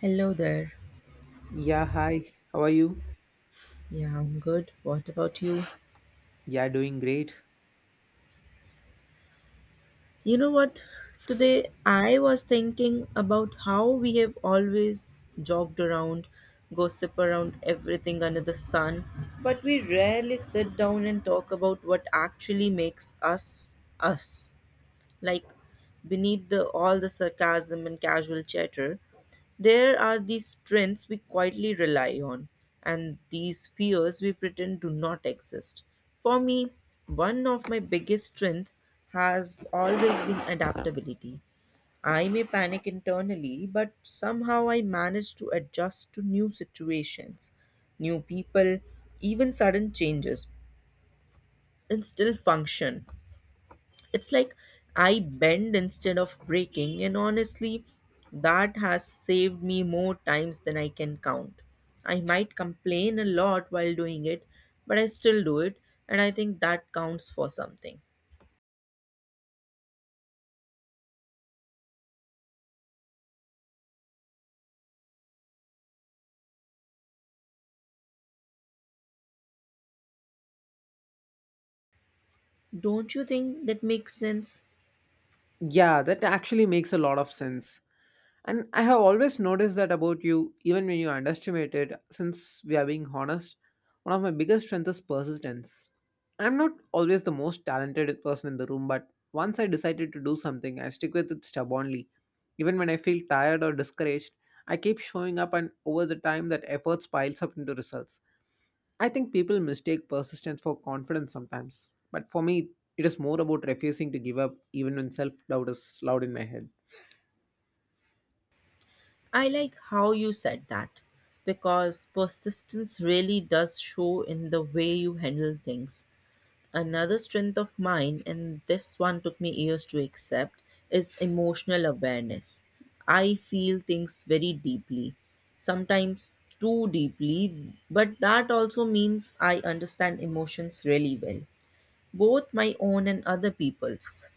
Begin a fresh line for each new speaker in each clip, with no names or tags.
Hello there.
Yeah, hi. How are you?
Yeah, I'm good. What about you?
Yeah, doing great.
You know what? Today I was thinking about how we have always jogged around, gossip around everything under the sun, but we rarely sit down and talk about what actually makes us us. Like beneath the all the sarcasm and casual chatter, there are these strengths we quietly rely on and these fears we pretend do not exist. For me, one of my biggest strengths has always been adaptability. I may panic internally, but somehow I manage to adjust to new situations, new people, even sudden changes, and still function. It's like I bend instead of breaking, and honestly, that has saved me more times than I can count. I might complain a lot while doing it, but I still do it, and I think that counts for something. Don't you think that makes sense?
Yeah, that actually makes a lot of sense. And I have always noticed that about you, even when you underestimate it. Since we are being honest, one of my biggest strengths is persistence. I'm not always the most talented person in the room, but once I decided to do something, I stick with it stubbornly. Even when I feel tired or discouraged, I keep showing up, and over the time, that effort piles up into results. I think people mistake persistence for confidence sometimes, but for me, it is more about refusing to give up even when self doubt is loud in my head.
I like how you said that because persistence really does show in the way you handle things. Another strength of mine, and this one took me years to accept, is emotional awareness. I feel things very deeply, sometimes too deeply, but that also means I understand emotions really well, both my own and other people's.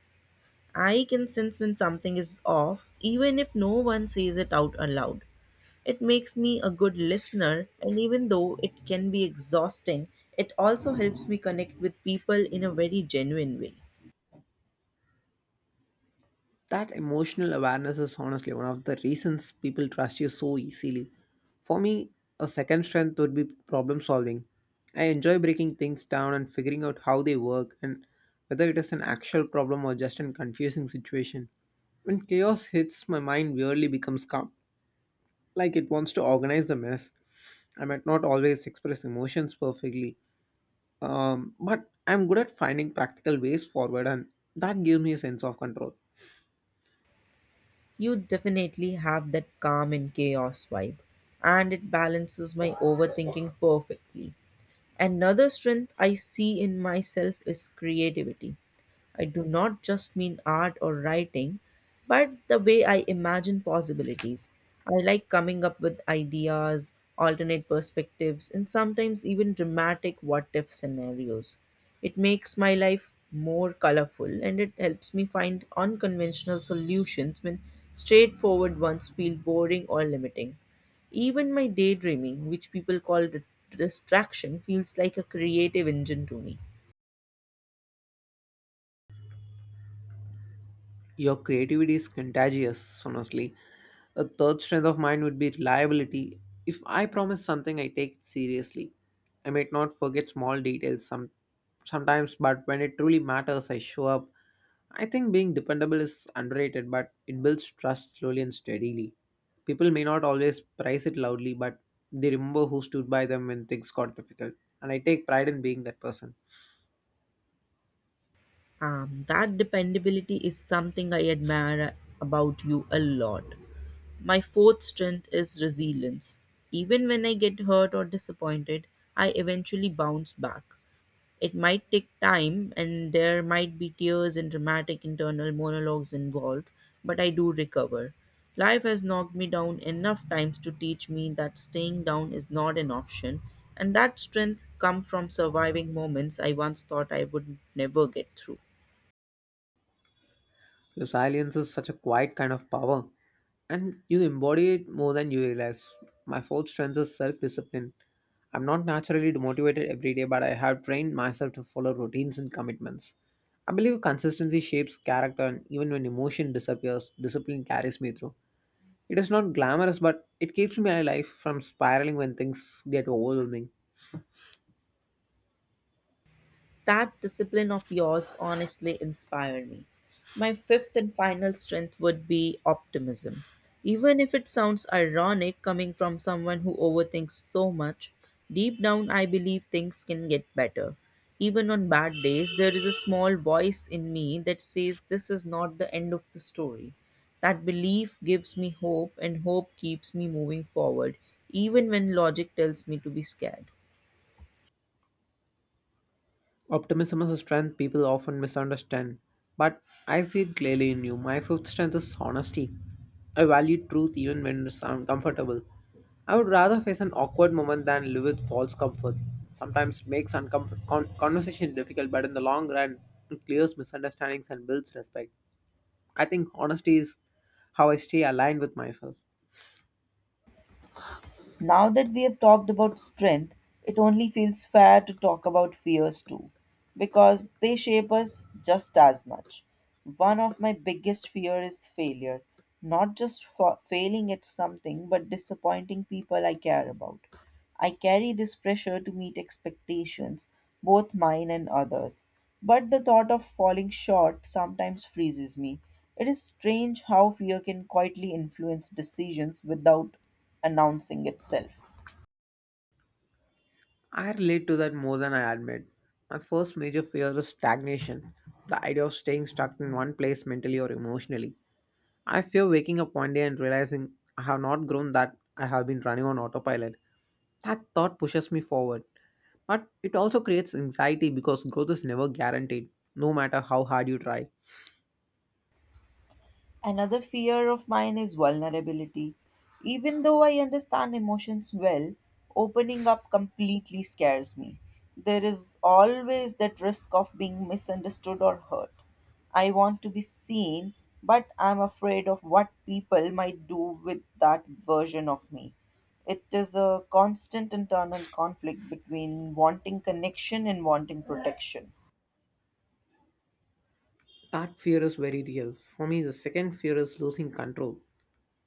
I can sense when something is off, even if no one says it out aloud. It makes me a good listener, and even though it can be exhausting, it also helps me connect with people in a very genuine way.
That emotional awareness is honestly one of the reasons people trust you so easily. For me, a second strength would be problem solving. I enjoy breaking things down and figuring out how they work and whether it is an actual problem or just a confusing situation. When chaos hits, my mind weirdly becomes calm, like it wants to organize the mess. I might not always express emotions perfectly, but I'm good at finding practical ways forward, and that gives me a sense of control.
You definitely have that calm and chaos vibe, and it balances my overthinking perfectly. Another strength I see in myself is creativity. I do not just mean art or writing, but the way I imagine possibilities. I like coming up with ideas, alternate perspectives, and sometimes even dramatic what if scenarios. It makes my life more colorful and it helps me find unconventional solutions when straightforward ones feel boring or limiting. Even my daydreaming, which people call distraction, feels like a creative engine to me.
Your creativity is contagious, honestly. A third strength of mine would be reliability. If I promise something, I take it seriously. I might not forget small sometimes, but when it truly matters, I show up. I think being dependable is underrated, but it builds trust slowly and steadily. People may not always praise it loudly, but they remember who stood by them when things got difficult. And I take pride in being that person.
That dependability is something I admire about you a lot. My fourth strength is resilience. Even when I get hurt or disappointed, I eventually bounce back. It might take time and there might be tears and dramatic internal monologues involved, but I do recover. Life has knocked me down enough times to teach me that staying down is not an option, and that strength comes from surviving moments I once thought I would never get through.
Your silence is such a quiet kind of power, and you embody it more than you realize. My fourth strength is self discipline. I'm not naturally motivated every day, but I have trained myself to follow routines and commitments. I believe consistency shapes character, and even when emotion disappears, discipline carries me through. It is not glamorous, but it keeps me alive from spiraling when things get overwhelming.
That discipline of yours honestly inspired me. My fifth and final strength would be optimism. Even if it sounds ironic coming from someone who overthinks so much, deep down I believe things can get better. Even on bad days, there is a small voice in me that says this is not the end of the story. That belief gives me hope, and hope keeps me moving forward, even when logic tells me to be scared.
Optimism is a strength people often misunderstand, but I see it clearly in you. My fifth strength is honesty. I value truth even when it's uncomfortable. I would rather face an awkward moment than live with false comfort. Sometimes it makes conversation difficult, but in the long run, it clears misunderstandings and builds respect. I think honesty is how I stay aligned with myself.
Now that we have talked about strength, it only feels fair to talk about fears too, because they shape us just as much. One of my biggest fear is failure, not just failing at something, but disappointing people I care about. I carry this pressure to meet expectations, both mine and others. But the thought of falling short sometimes freezes me. It is strange how fear can quietly influence decisions without announcing itself.
I relate to that more than I admit. My first major fear is stagnation, the idea of staying stuck in one place mentally or emotionally. I fear waking up one day and realizing I have not grown, that I have been running on autopilot. That thought pushes me forward. But it also creates anxiety because growth is never guaranteed, no matter how hard you try.
Another fear of mine is vulnerability. Even though I understand emotions well, opening up completely scares me. There is always that risk of being misunderstood or hurt. I want to be seen, but I'm afraid of what people might do with that version of me. It is a constant internal conflict between wanting connection and wanting protection.
That fear is very real. For me, the second fear is losing control.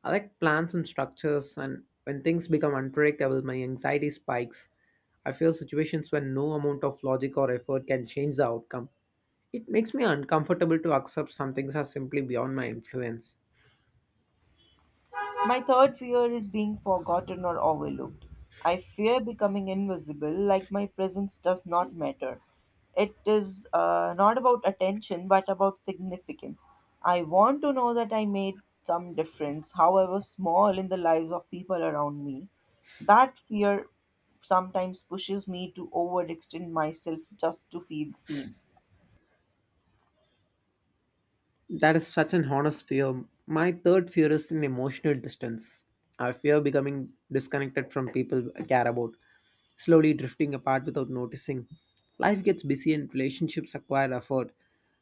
I like plans and structures, and when things become unpredictable, my anxiety spikes. I fear situations where no amount of logic or effort can change the outcome. It makes me uncomfortable to accept some things are simply beyond my influence.
My third fear is being forgotten or overlooked. I fear becoming invisible, like my presence does not matter. It is not about attention, but about significance. I want to know that I made some difference, however small, in the lives of people around me. That fear sometimes pushes me to overextend myself just to feel seen.
That is such an honest fear. My third fear is an emotional distance. I fear becoming disconnected from people I care about, slowly drifting apart without noticing. Life gets busy and relationships acquire effort,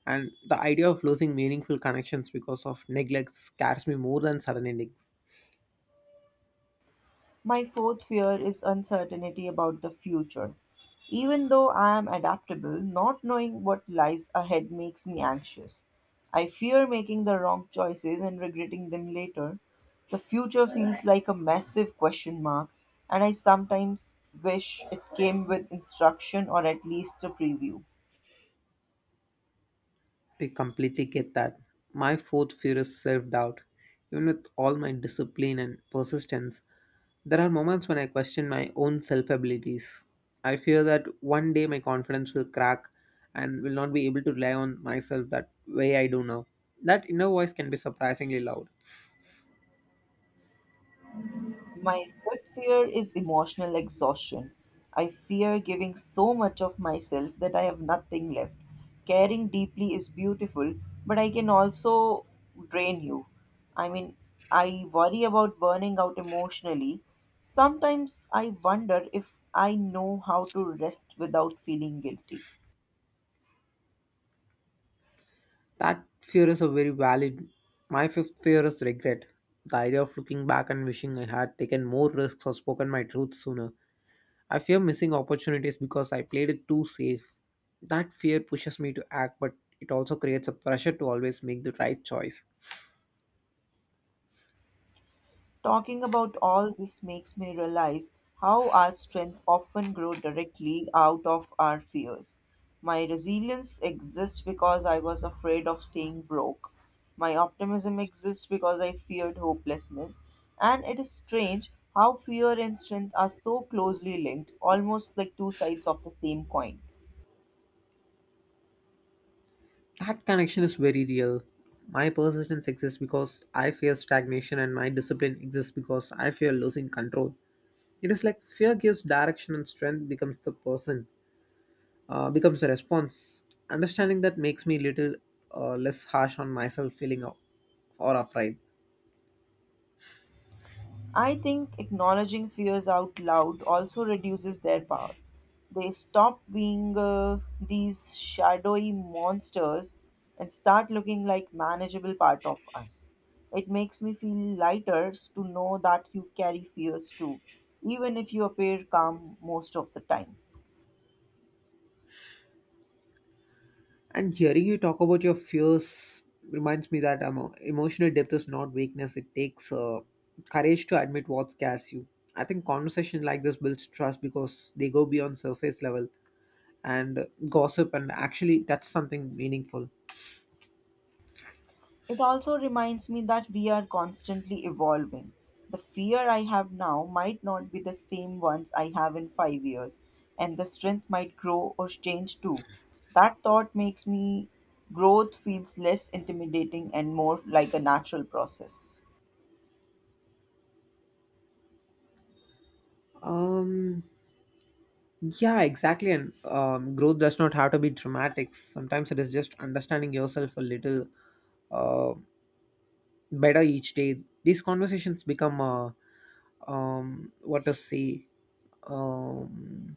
and the idea of losing meaningful connections because of neglect scares me more than sudden endings.
My fourth fear is uncertainty about the future. Even though I am adaptable, not knowing what lies ahead makes me anxious. I fear making the wrong choices and regretting them later. The future feels like a massive question mark, and I sometimes wish it came with instruction or at least a preview.
I completely get that. My fourth fear is self doubt. Even with all my discipline and persistence, there are moments when I question my own self abilities. I fear that one day my confidence will crack and will not be able to rely on myself that way I do now. That inner voice can be surprisingly loud.
My fifth fear is emotional exhaustion. I fear giving so much of myself that I have nothing left. Caring deeply is beautiful, but I can also drain you. I mean, I worry about burning out emotionally. Sometimes I wonder if I know how to rest without feeling guilty.
That fear is a very valid. My fifth fear is regret. The idea of looking back and wishing I had taken more risks or spoken my truth sooner. I fear missing opportunities because I played it too safe. That fear pushes me to act, but it also creates a pressure to always make the right choice.
Talking about all this makes me realize how our strength often grow directly out of our fears. My resilience exists because I was afraid of staying broke. My optimism exists because I feared hopelessness. And it is strange how fear and strength are so closely linked, almost like two sides of the same coin.
That connection is very real. My persistence exists because I fear stagnation, and my discipline exists because I fear losing control. It is like fear gives direction and strength becomes the person, becomes the response. Understanding that makes me little less harsh on myself, feeling or afraid.
I think acknowledging fears out loud also reduces their power. They stop being these shadowy monsters and start looking like manageable part of us. It makes me feel lighter to know that you carry fears too, even if you appear calm most of the time.
And hearing you talk about your fears reminds me that emotional depth is not weakness. It takes courage to admit what scares you. I think conversation like this builds trust because they go beyond surface level and gossip, and actually that's something meaningful.
It also reminds me that we are constantly evolving. The fear I have now might not be the same ones I have in 5 years, and the strength might grow or change too. That thought makes me growth feels less intimidating and more like a natural process.
Um, yeah, exactly. And growth does not have to be dramatic. Sometimes it is just understanding yourself a little Uh. better each day. These conversations become what to say. Um,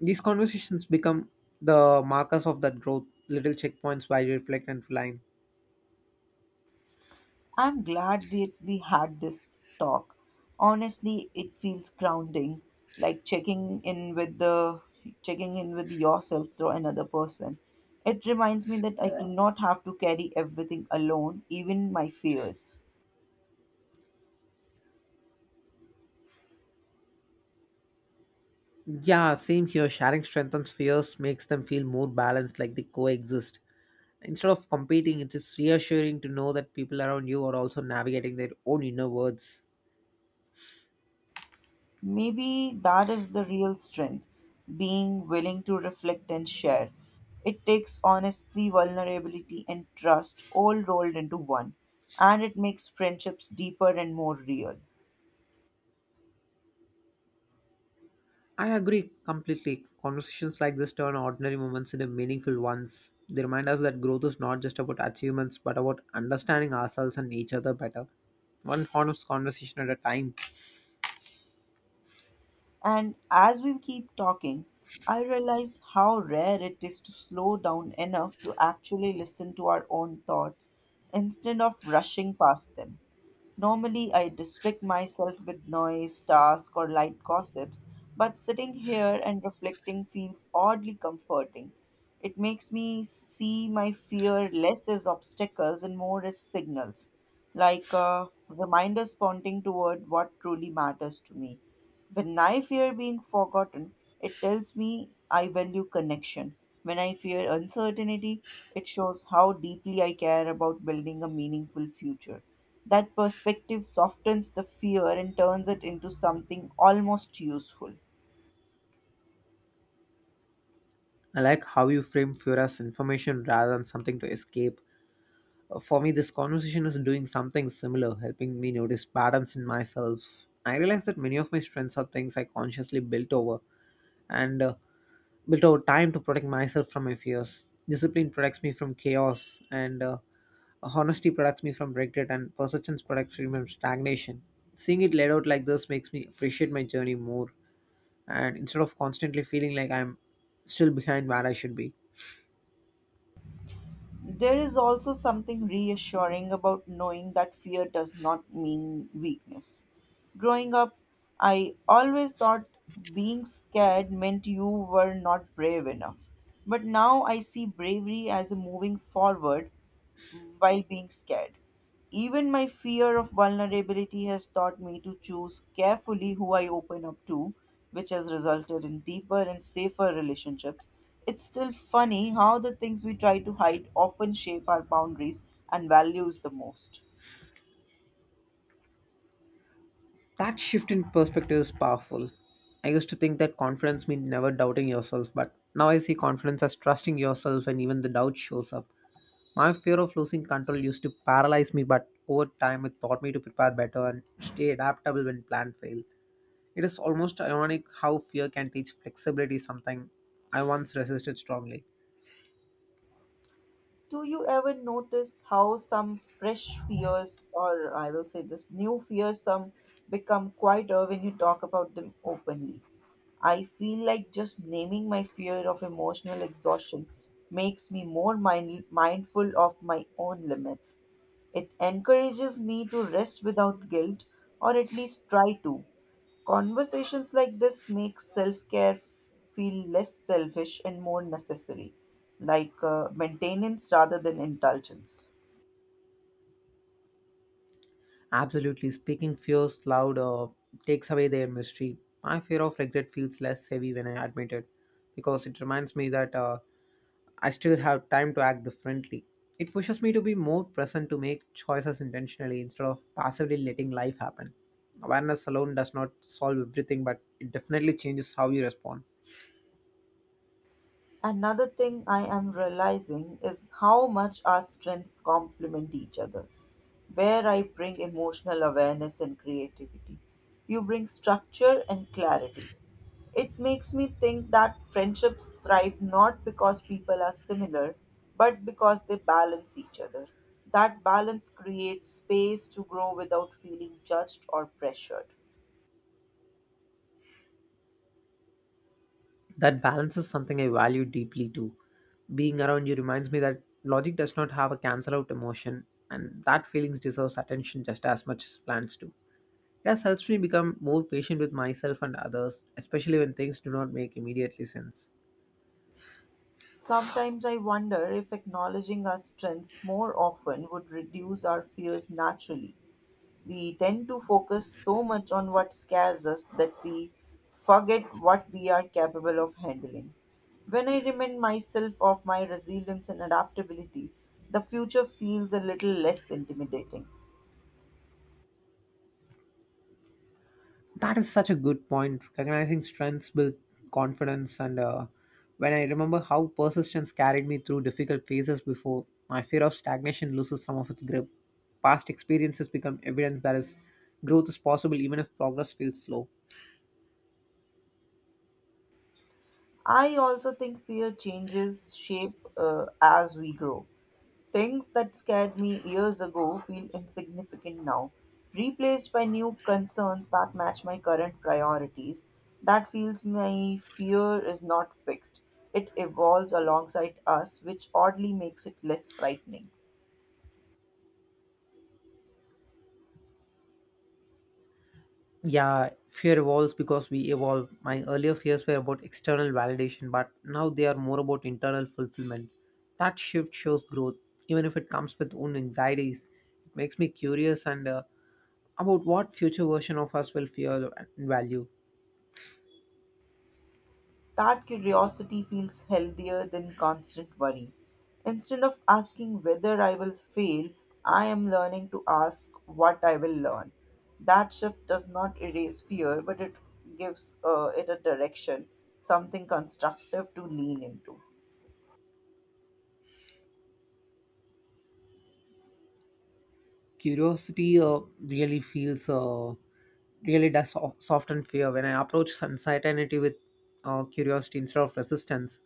these conversations become the markers of that growth. Little checkpoints where you reflect and align.
I'm glad that we had this talk. Honestly, it feels grounding, like checking in with yourself through another person. It reminds me that I do not have to carry everything alone, even my fears.
Yeah, same here. Sharing strengthens fears, makes them feel more balanced, like they coexist. Instead of competing, it is reassuring to know that people around you are also navigating their own inner worlds.
Maybe that is the real strength, being willing to reflect and share. It takes honesty, vulnerability, and trust all rolled into one, and it makes friendships deeper and more real.
I agree completely. Conversations like this turn ordinary moments into meaningful ones. They remind us that growth is not just about achievements but about understanding ourselves and each other better. One honest conversation at a time.
And as we keep talking, I realize how rare it is to slow down enough to actually listen to our own thoughts instead of rushing past them. Normally, I distract myself with noise, tasks, or light gossips, but sitting here and reflecting feels oddly comforting. It makes me see my fear less as obstacles and more as signals, like reminders pointing toward what truly matters to me. When I fear being forgotten, it tells me I value connection. When I fear uncertainty, it shows how deeply I care about building a meaningful future. That perspective softens the fear and turns it into something almost useful.
I like how you frame fear as information rather than something to escape. For me, this conversation is doing something similar, helping me notice patterns in myself. I realize that many of my strengths are things I consciously and uh, built over time to protect myself from my fears. Discipline protects me from chaos, and honesty protects me from regret, and persistence protects me from stagnation. Seeing it laid out like this makes me appreciate my journey more, and instead of constantly feeling like I'm still behind where I should be.
There is also something reassuring about knowing that fear does not mean weakness. Growing up, I always thought being scared meant you were not brave enough. But now I see bravery as a moving forward while being scared. Even my fear of vulnerability has taught me to choose carefully who I open up to, which has resulted in deeper and safer relationships. It's still funny how the things we try to hide often shape our boundaries and values the most.
That shift in perspective is powerful. I used to think that confidence meant never doubting yourself, but now I see confidence as trusting yourself and even the doubt shows up. My fear of losing control used to paralyze me, but over time it taught me to prepare better and stay adaptable when plans fail. It is almost ironic how fear can teach flexibility, something I once resisted strongly.
Do you ever notice how some fresh fears, or I will say this new fears some become quieter when you talk about them openly? I feel like just naming my fear of emotional exhaustion makes me more mindful of my own limits. It encourages me to rest without guilt, or at least try to. Conversations like this make self care feel less selfish and more necessary, like maintenance rather than indulgence.
Absolutely. Speaking fears loud takes away their mystery. My fear of regret feels less heavy when I admit it because it reminds me that I still have time to act differently. It pushes me to be more present to make choices intentionally instead of passively letting life happen. Awareness alone does not solve everything, but it definitely changes how you respond.
Another thing I am realizing is how much our strengths complement each other. Where I bring emotional awareness and creativity, you bring structure and clarity. It makes me think that friendships thrive not because people are similar, but because they balance each other. That balance creates space to grow without feeling judged or pressured.
That balance is something I value deeply too. Being around you reminds me that logic does not have a cancel out emotion, and that feelings deserves attention just as much as plans do. It has helped me become more patient with myself and others, especially when things do not make immediately sense.
Sometimes I wonder if acknowledging our strengths more often would reduce our fears naturally. We tend to focus so much on what scares us that we forget what we are capable of handling. When I remind myself of my resilience and adaptability, the future feels a little less intimidating.
That is such a good point. Recognizing strengths build confidence, and when I remember how persistence carried me through difficult phases before, my fear of stagnation loses some of its grip. Past experiences become evidence that is growth is possible even if progress feels slow.
I also think fear changes shape, as we grow. Things that scared me years ago feel insignificant now, replaced by new concerns that match my current priorities. That feels my fear is not fixed. It evolves alongside us, which oddly makes it less frightening.
Yeah, fear evolves because we evolve. My earlier fears were about external validation, but now they are more about internal fulfillment. That shift shows growth, even if it comes with own anxieties. It makes me curious and about what future version of us will fear and value.
That curiosity feels healthier than constant worry. Instead of asking whether I will fail, I am learning to ask what I will learn. That shift does not erase fear, but it gives it a direction, something constructive to lean into.
Curiosity really does soften fear. When I approach uncertainty with curiosity instead of resistance,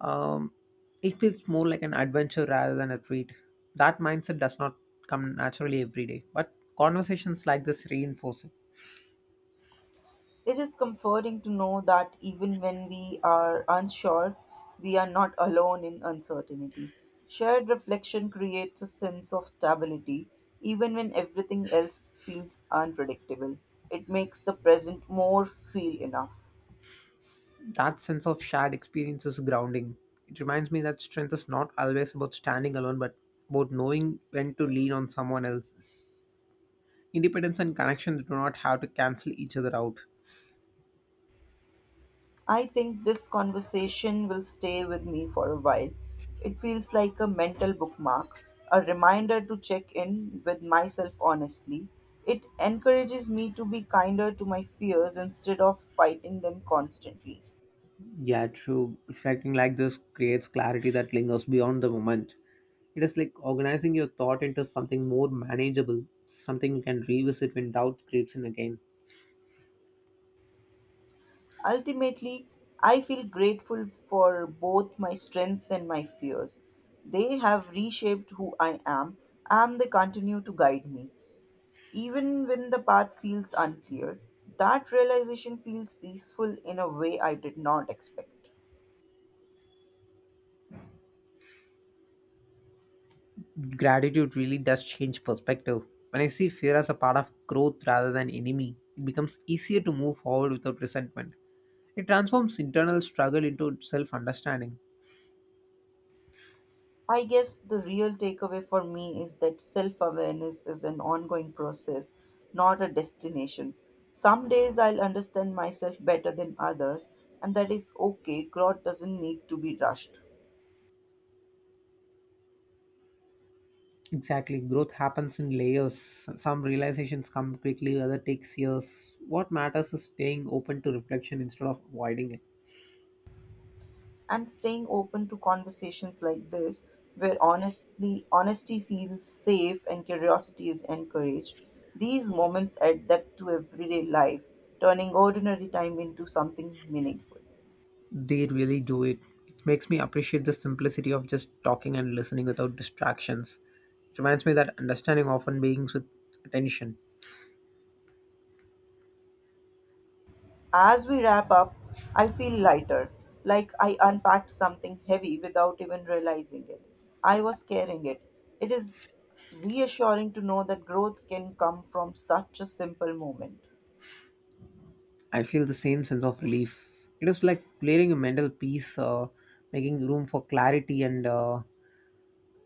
um, it feels more like an adventure rather than a treat. That mindset does not come naturally every day, but conversations like this reinforce it.
It is comforting to know that even when we are unsure, we are not alone in uncertainty. Shared reflection creates a sense of stability, even when everything else feels unpredictable. It makes the present more feel enough.
That sense of shared experience is grounding. It reminds me that strength is not always about standing alone, but about knowing when to lean on someone else. Independence and connection do not have to cancel each other out.
I think this conversation will stay with me for a while. It feels like a mental bookmark, a reminder to check in with myself honestly. It encourages me to be kinder to my fears instead of fighting them constantly.
Yeah, true. Reflecting like this creates clarity that lingers beyond the moment. It is like organizing your thought into something more manageable, something you can revisit when doubt creeps in again.
Ultimately, I feel grateful for both my strengths and my fears. They have reshaped who I am and they continue to guide me, even when the path feels unclear. That realization feels peaceful in a way I did not expect.
Gratitude really does change perspective. When I see fear as a part of growth rather than enemy, it becomes easier to move forward without resentment. It transforms internal struggle into self understanding.
I guess the real takeaway for me is that self awareness is an ongoing process, not a destination. Some days I'll understand myself better than others, and that is okay. Growth doesn't need to be rushed,
Exactly. Growth happens in layers. Some realizations come quickly, other takes years. What matters is staying open to reflection instead of avoiding it.
and staying open to conversations like this where honestly honesty feels safe and curiosity is encouraged. These moments add depth to everyday life, turning ordinary time into something meaningful.
They really do it. It makes me appreciate the simplicity of just talking and listening without distractions. It reminds me that understanding often begins with attention.
As we wrap up, I feel lighter, like I unpacked something heavy without even realizing it I was carrying it. It is reassuring to know that growth can come from such a simple moment.
I feel the same sense of relief. It is like clearing a mental piece, making room for clarity and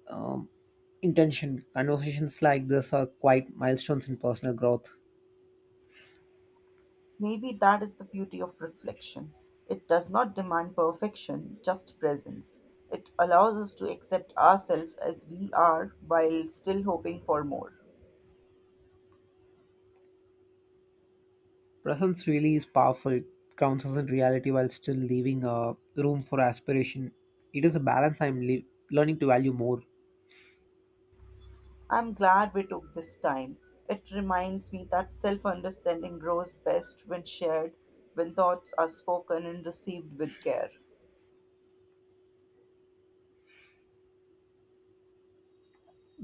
um, intention. Conversations like this are quite milestones in personal growth.
Maybe that is the beauty of reflection. It does not demand perfection, just presence. It allows us to accept ourselves as we are while still hoping for more.
Presence really is powerful. It grounds us in reality while still leaving room for aspiration. It is a balance I'm learning to value more.
I'm glad we took this time. It reminds me that self understanding grows best when shared, when thoughts are spoken and received with care.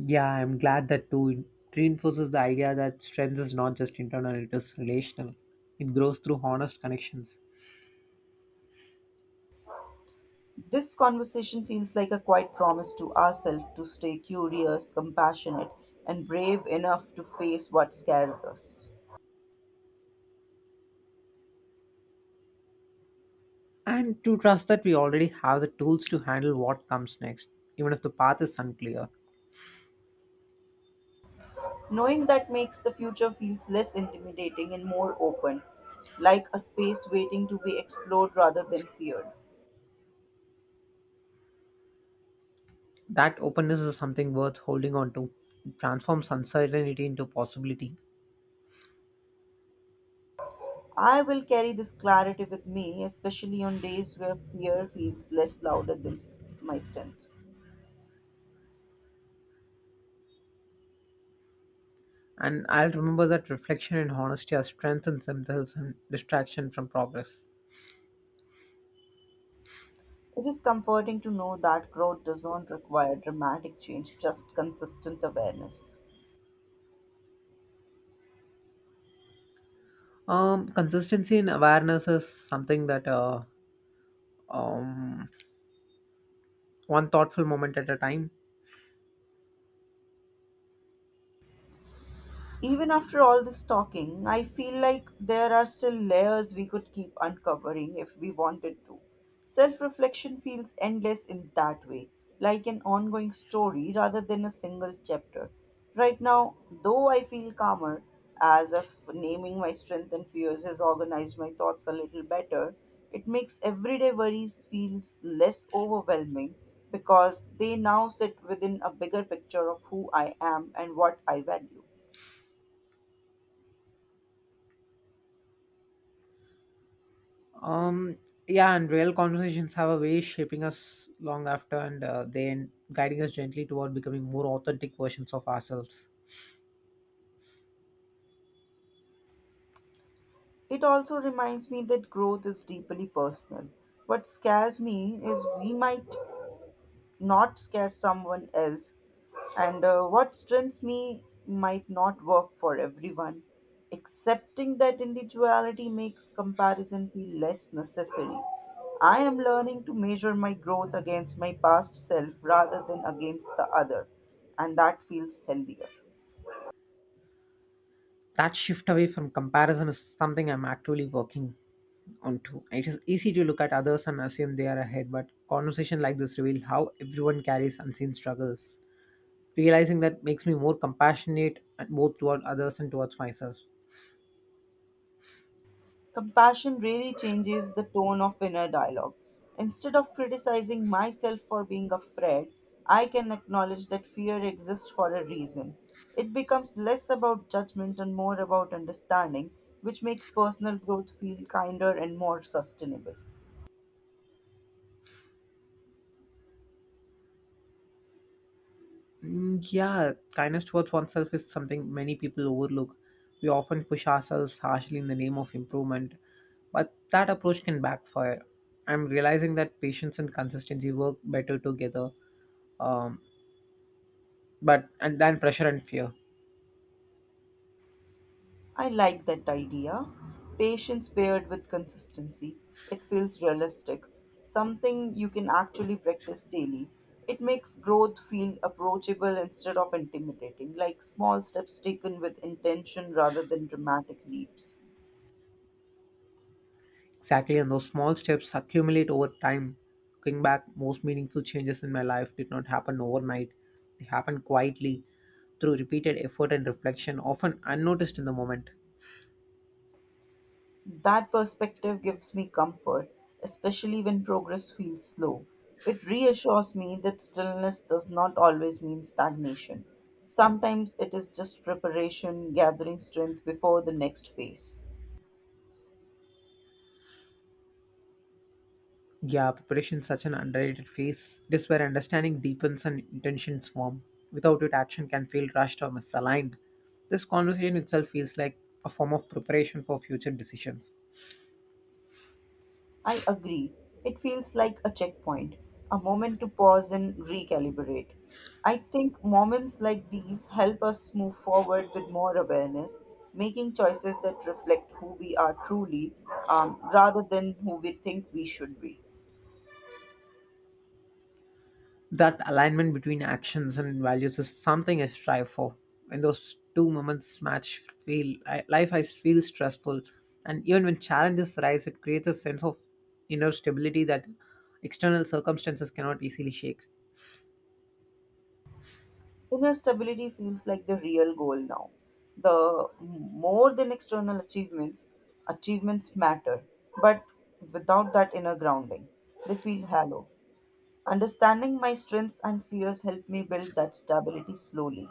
Yeah, I'm glad that too. It reinforces the idea that strength is not just internal, it is relational. It grows through honest connections.
This conversation feels like a quiet promise to ourselves to stay curious, compassionate, and brave enough to face what scares us.
And to trust that we already have the tools to handle what comes next, even if the path is unclear.
Knowing that makes the future feels less intimidating and more open, like a space waiting to be explored rather than feared.
That openness is something worth holding on to. It transforms uncertainty into possibility.
I will carry this clarity with me, especially on days where fear feels less louder than my strength.
And I'll remember that reflection and honesty are strength in themselves and distraction from progress.
It is comforting to know that growth doesn't require dramatic change, just consistent awareness.
Consistency in awareness is something that um, one thoughtful moment at a time.
Even after all this talking, I feel like there are still layers we could keep uncovering if we wanted to. Self reflection feels endless in that way, like an ongoing story rather than a single chapter. Right now, though, I feel calmer, as if naming my strength and fears has organized my thoughts a little better. It makes everyday worries feels less overwhelming because they now sit within a bigger picture of who I am and what I value.
Um, yeah, and real conversations have a way of shaping us long after and then guiding us gently toward becoming more authentic versions of ourselves.
It also reminds me that growth is deeply personal. What scares me is we might not scare someone else, and what strengths me might not work for everyone. Accepting that individuality makes comparison feel less necessary. I am learning to measure my growth against my past self rather than against the other, and that feels healthier.
That shift away from comparison is something I'm actively working onto. It is easy to look at others and assume they are ahead, but conversation like this reveal how everyone carries unseen struggles. Realizing that makes me more compassionate both toward others and towards myself.
Compassion really changes the tone of inner dialogue. Instead of criticizing myself for being afraid, I can acknowledge that fear exists for a reason. It becomes less about judgment and more about understanding, which makes personal growth feel kinder and more sustainable.
Mm, yeah, kindness towards oneself is something many people overlook. We often push ourselves harshly in the name of improvement, but that approach can backfire. I'm realizing that patience and consistency work better together, um, but and then pressure and fear.
I like that idea. Patience paired with consistency. It feels realistic, something you can actually practice daily. It makes growth feel approachable instead of intimidating, like small steps taken with intention rather than dramatic leaps.
Exactly, and those small steps accumulate over time. Looking back, most meaningful changes in my life did not happen overnight. They happened quietly through repeated effort and reflection, often unnoticed in the moment.
That perspective gives me comfort, especially when progress feels slow. It reassures me that stillness does not always mean stagnation. Sometimes it is just preparation, gathering strength before the next phase.
Yeah, preparation is such an underrated phase. It is where understanding deepens and intentions form. Without it, action can feel rushed or misaligned. This conversation itself feels like a form of preparation for future decisions.
I agree. It feels like a checkpoint, a moment to pause and recalibrate. I think moments like these help us move forward with more awareness, making choices that reflect who we are truly, rather than who we think we should be.
That alignment between actions and values is something I strive for. When those two moments match, feel I, life I feel stressful, and even when challenges arise, it creates a sense of inner stability that external circumstances cannot easily shake.
Inner stability feels like the real goal now. The more than external achievements, achievements matter, but without that inner grounding, they feel hollow. Understanding my strengths and fears helped me build that stability slowly.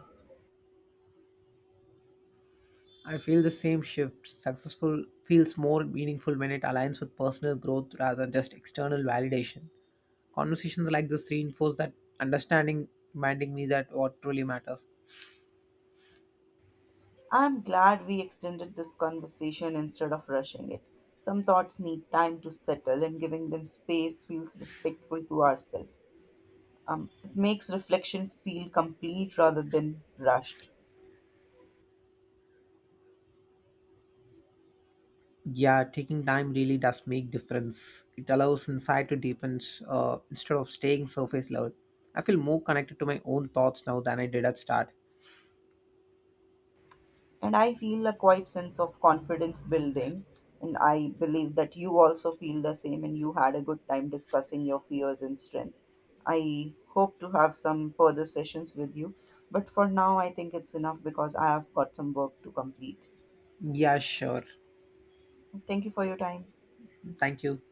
I feel the same shift. Successful feels more meaningful when it aligns with personal growth rather than just external validation. Conversations like this reinforce that understanding, reminding me that what truly matters.
I'm glad we extended this conversation instead of rushing it. Some thoughts need time to settle, and giving them space feels respectful to ourselves. It makes reflection feel complete rather than rushed.
Yeah, taking time really does make difference. It allows insight to deepen instead of staying surface level. I feel more connected to my own thoughts now than I did at start.
And I feel a quite sense of confidence building. And I believe that you also feel the same and you had a good time discussing your fears and strength. I hope to have some further sessions with you. But for now, I think it's enough because I have got some work to complete.
Yeah, sure.
Thank you for your time.
Thank you.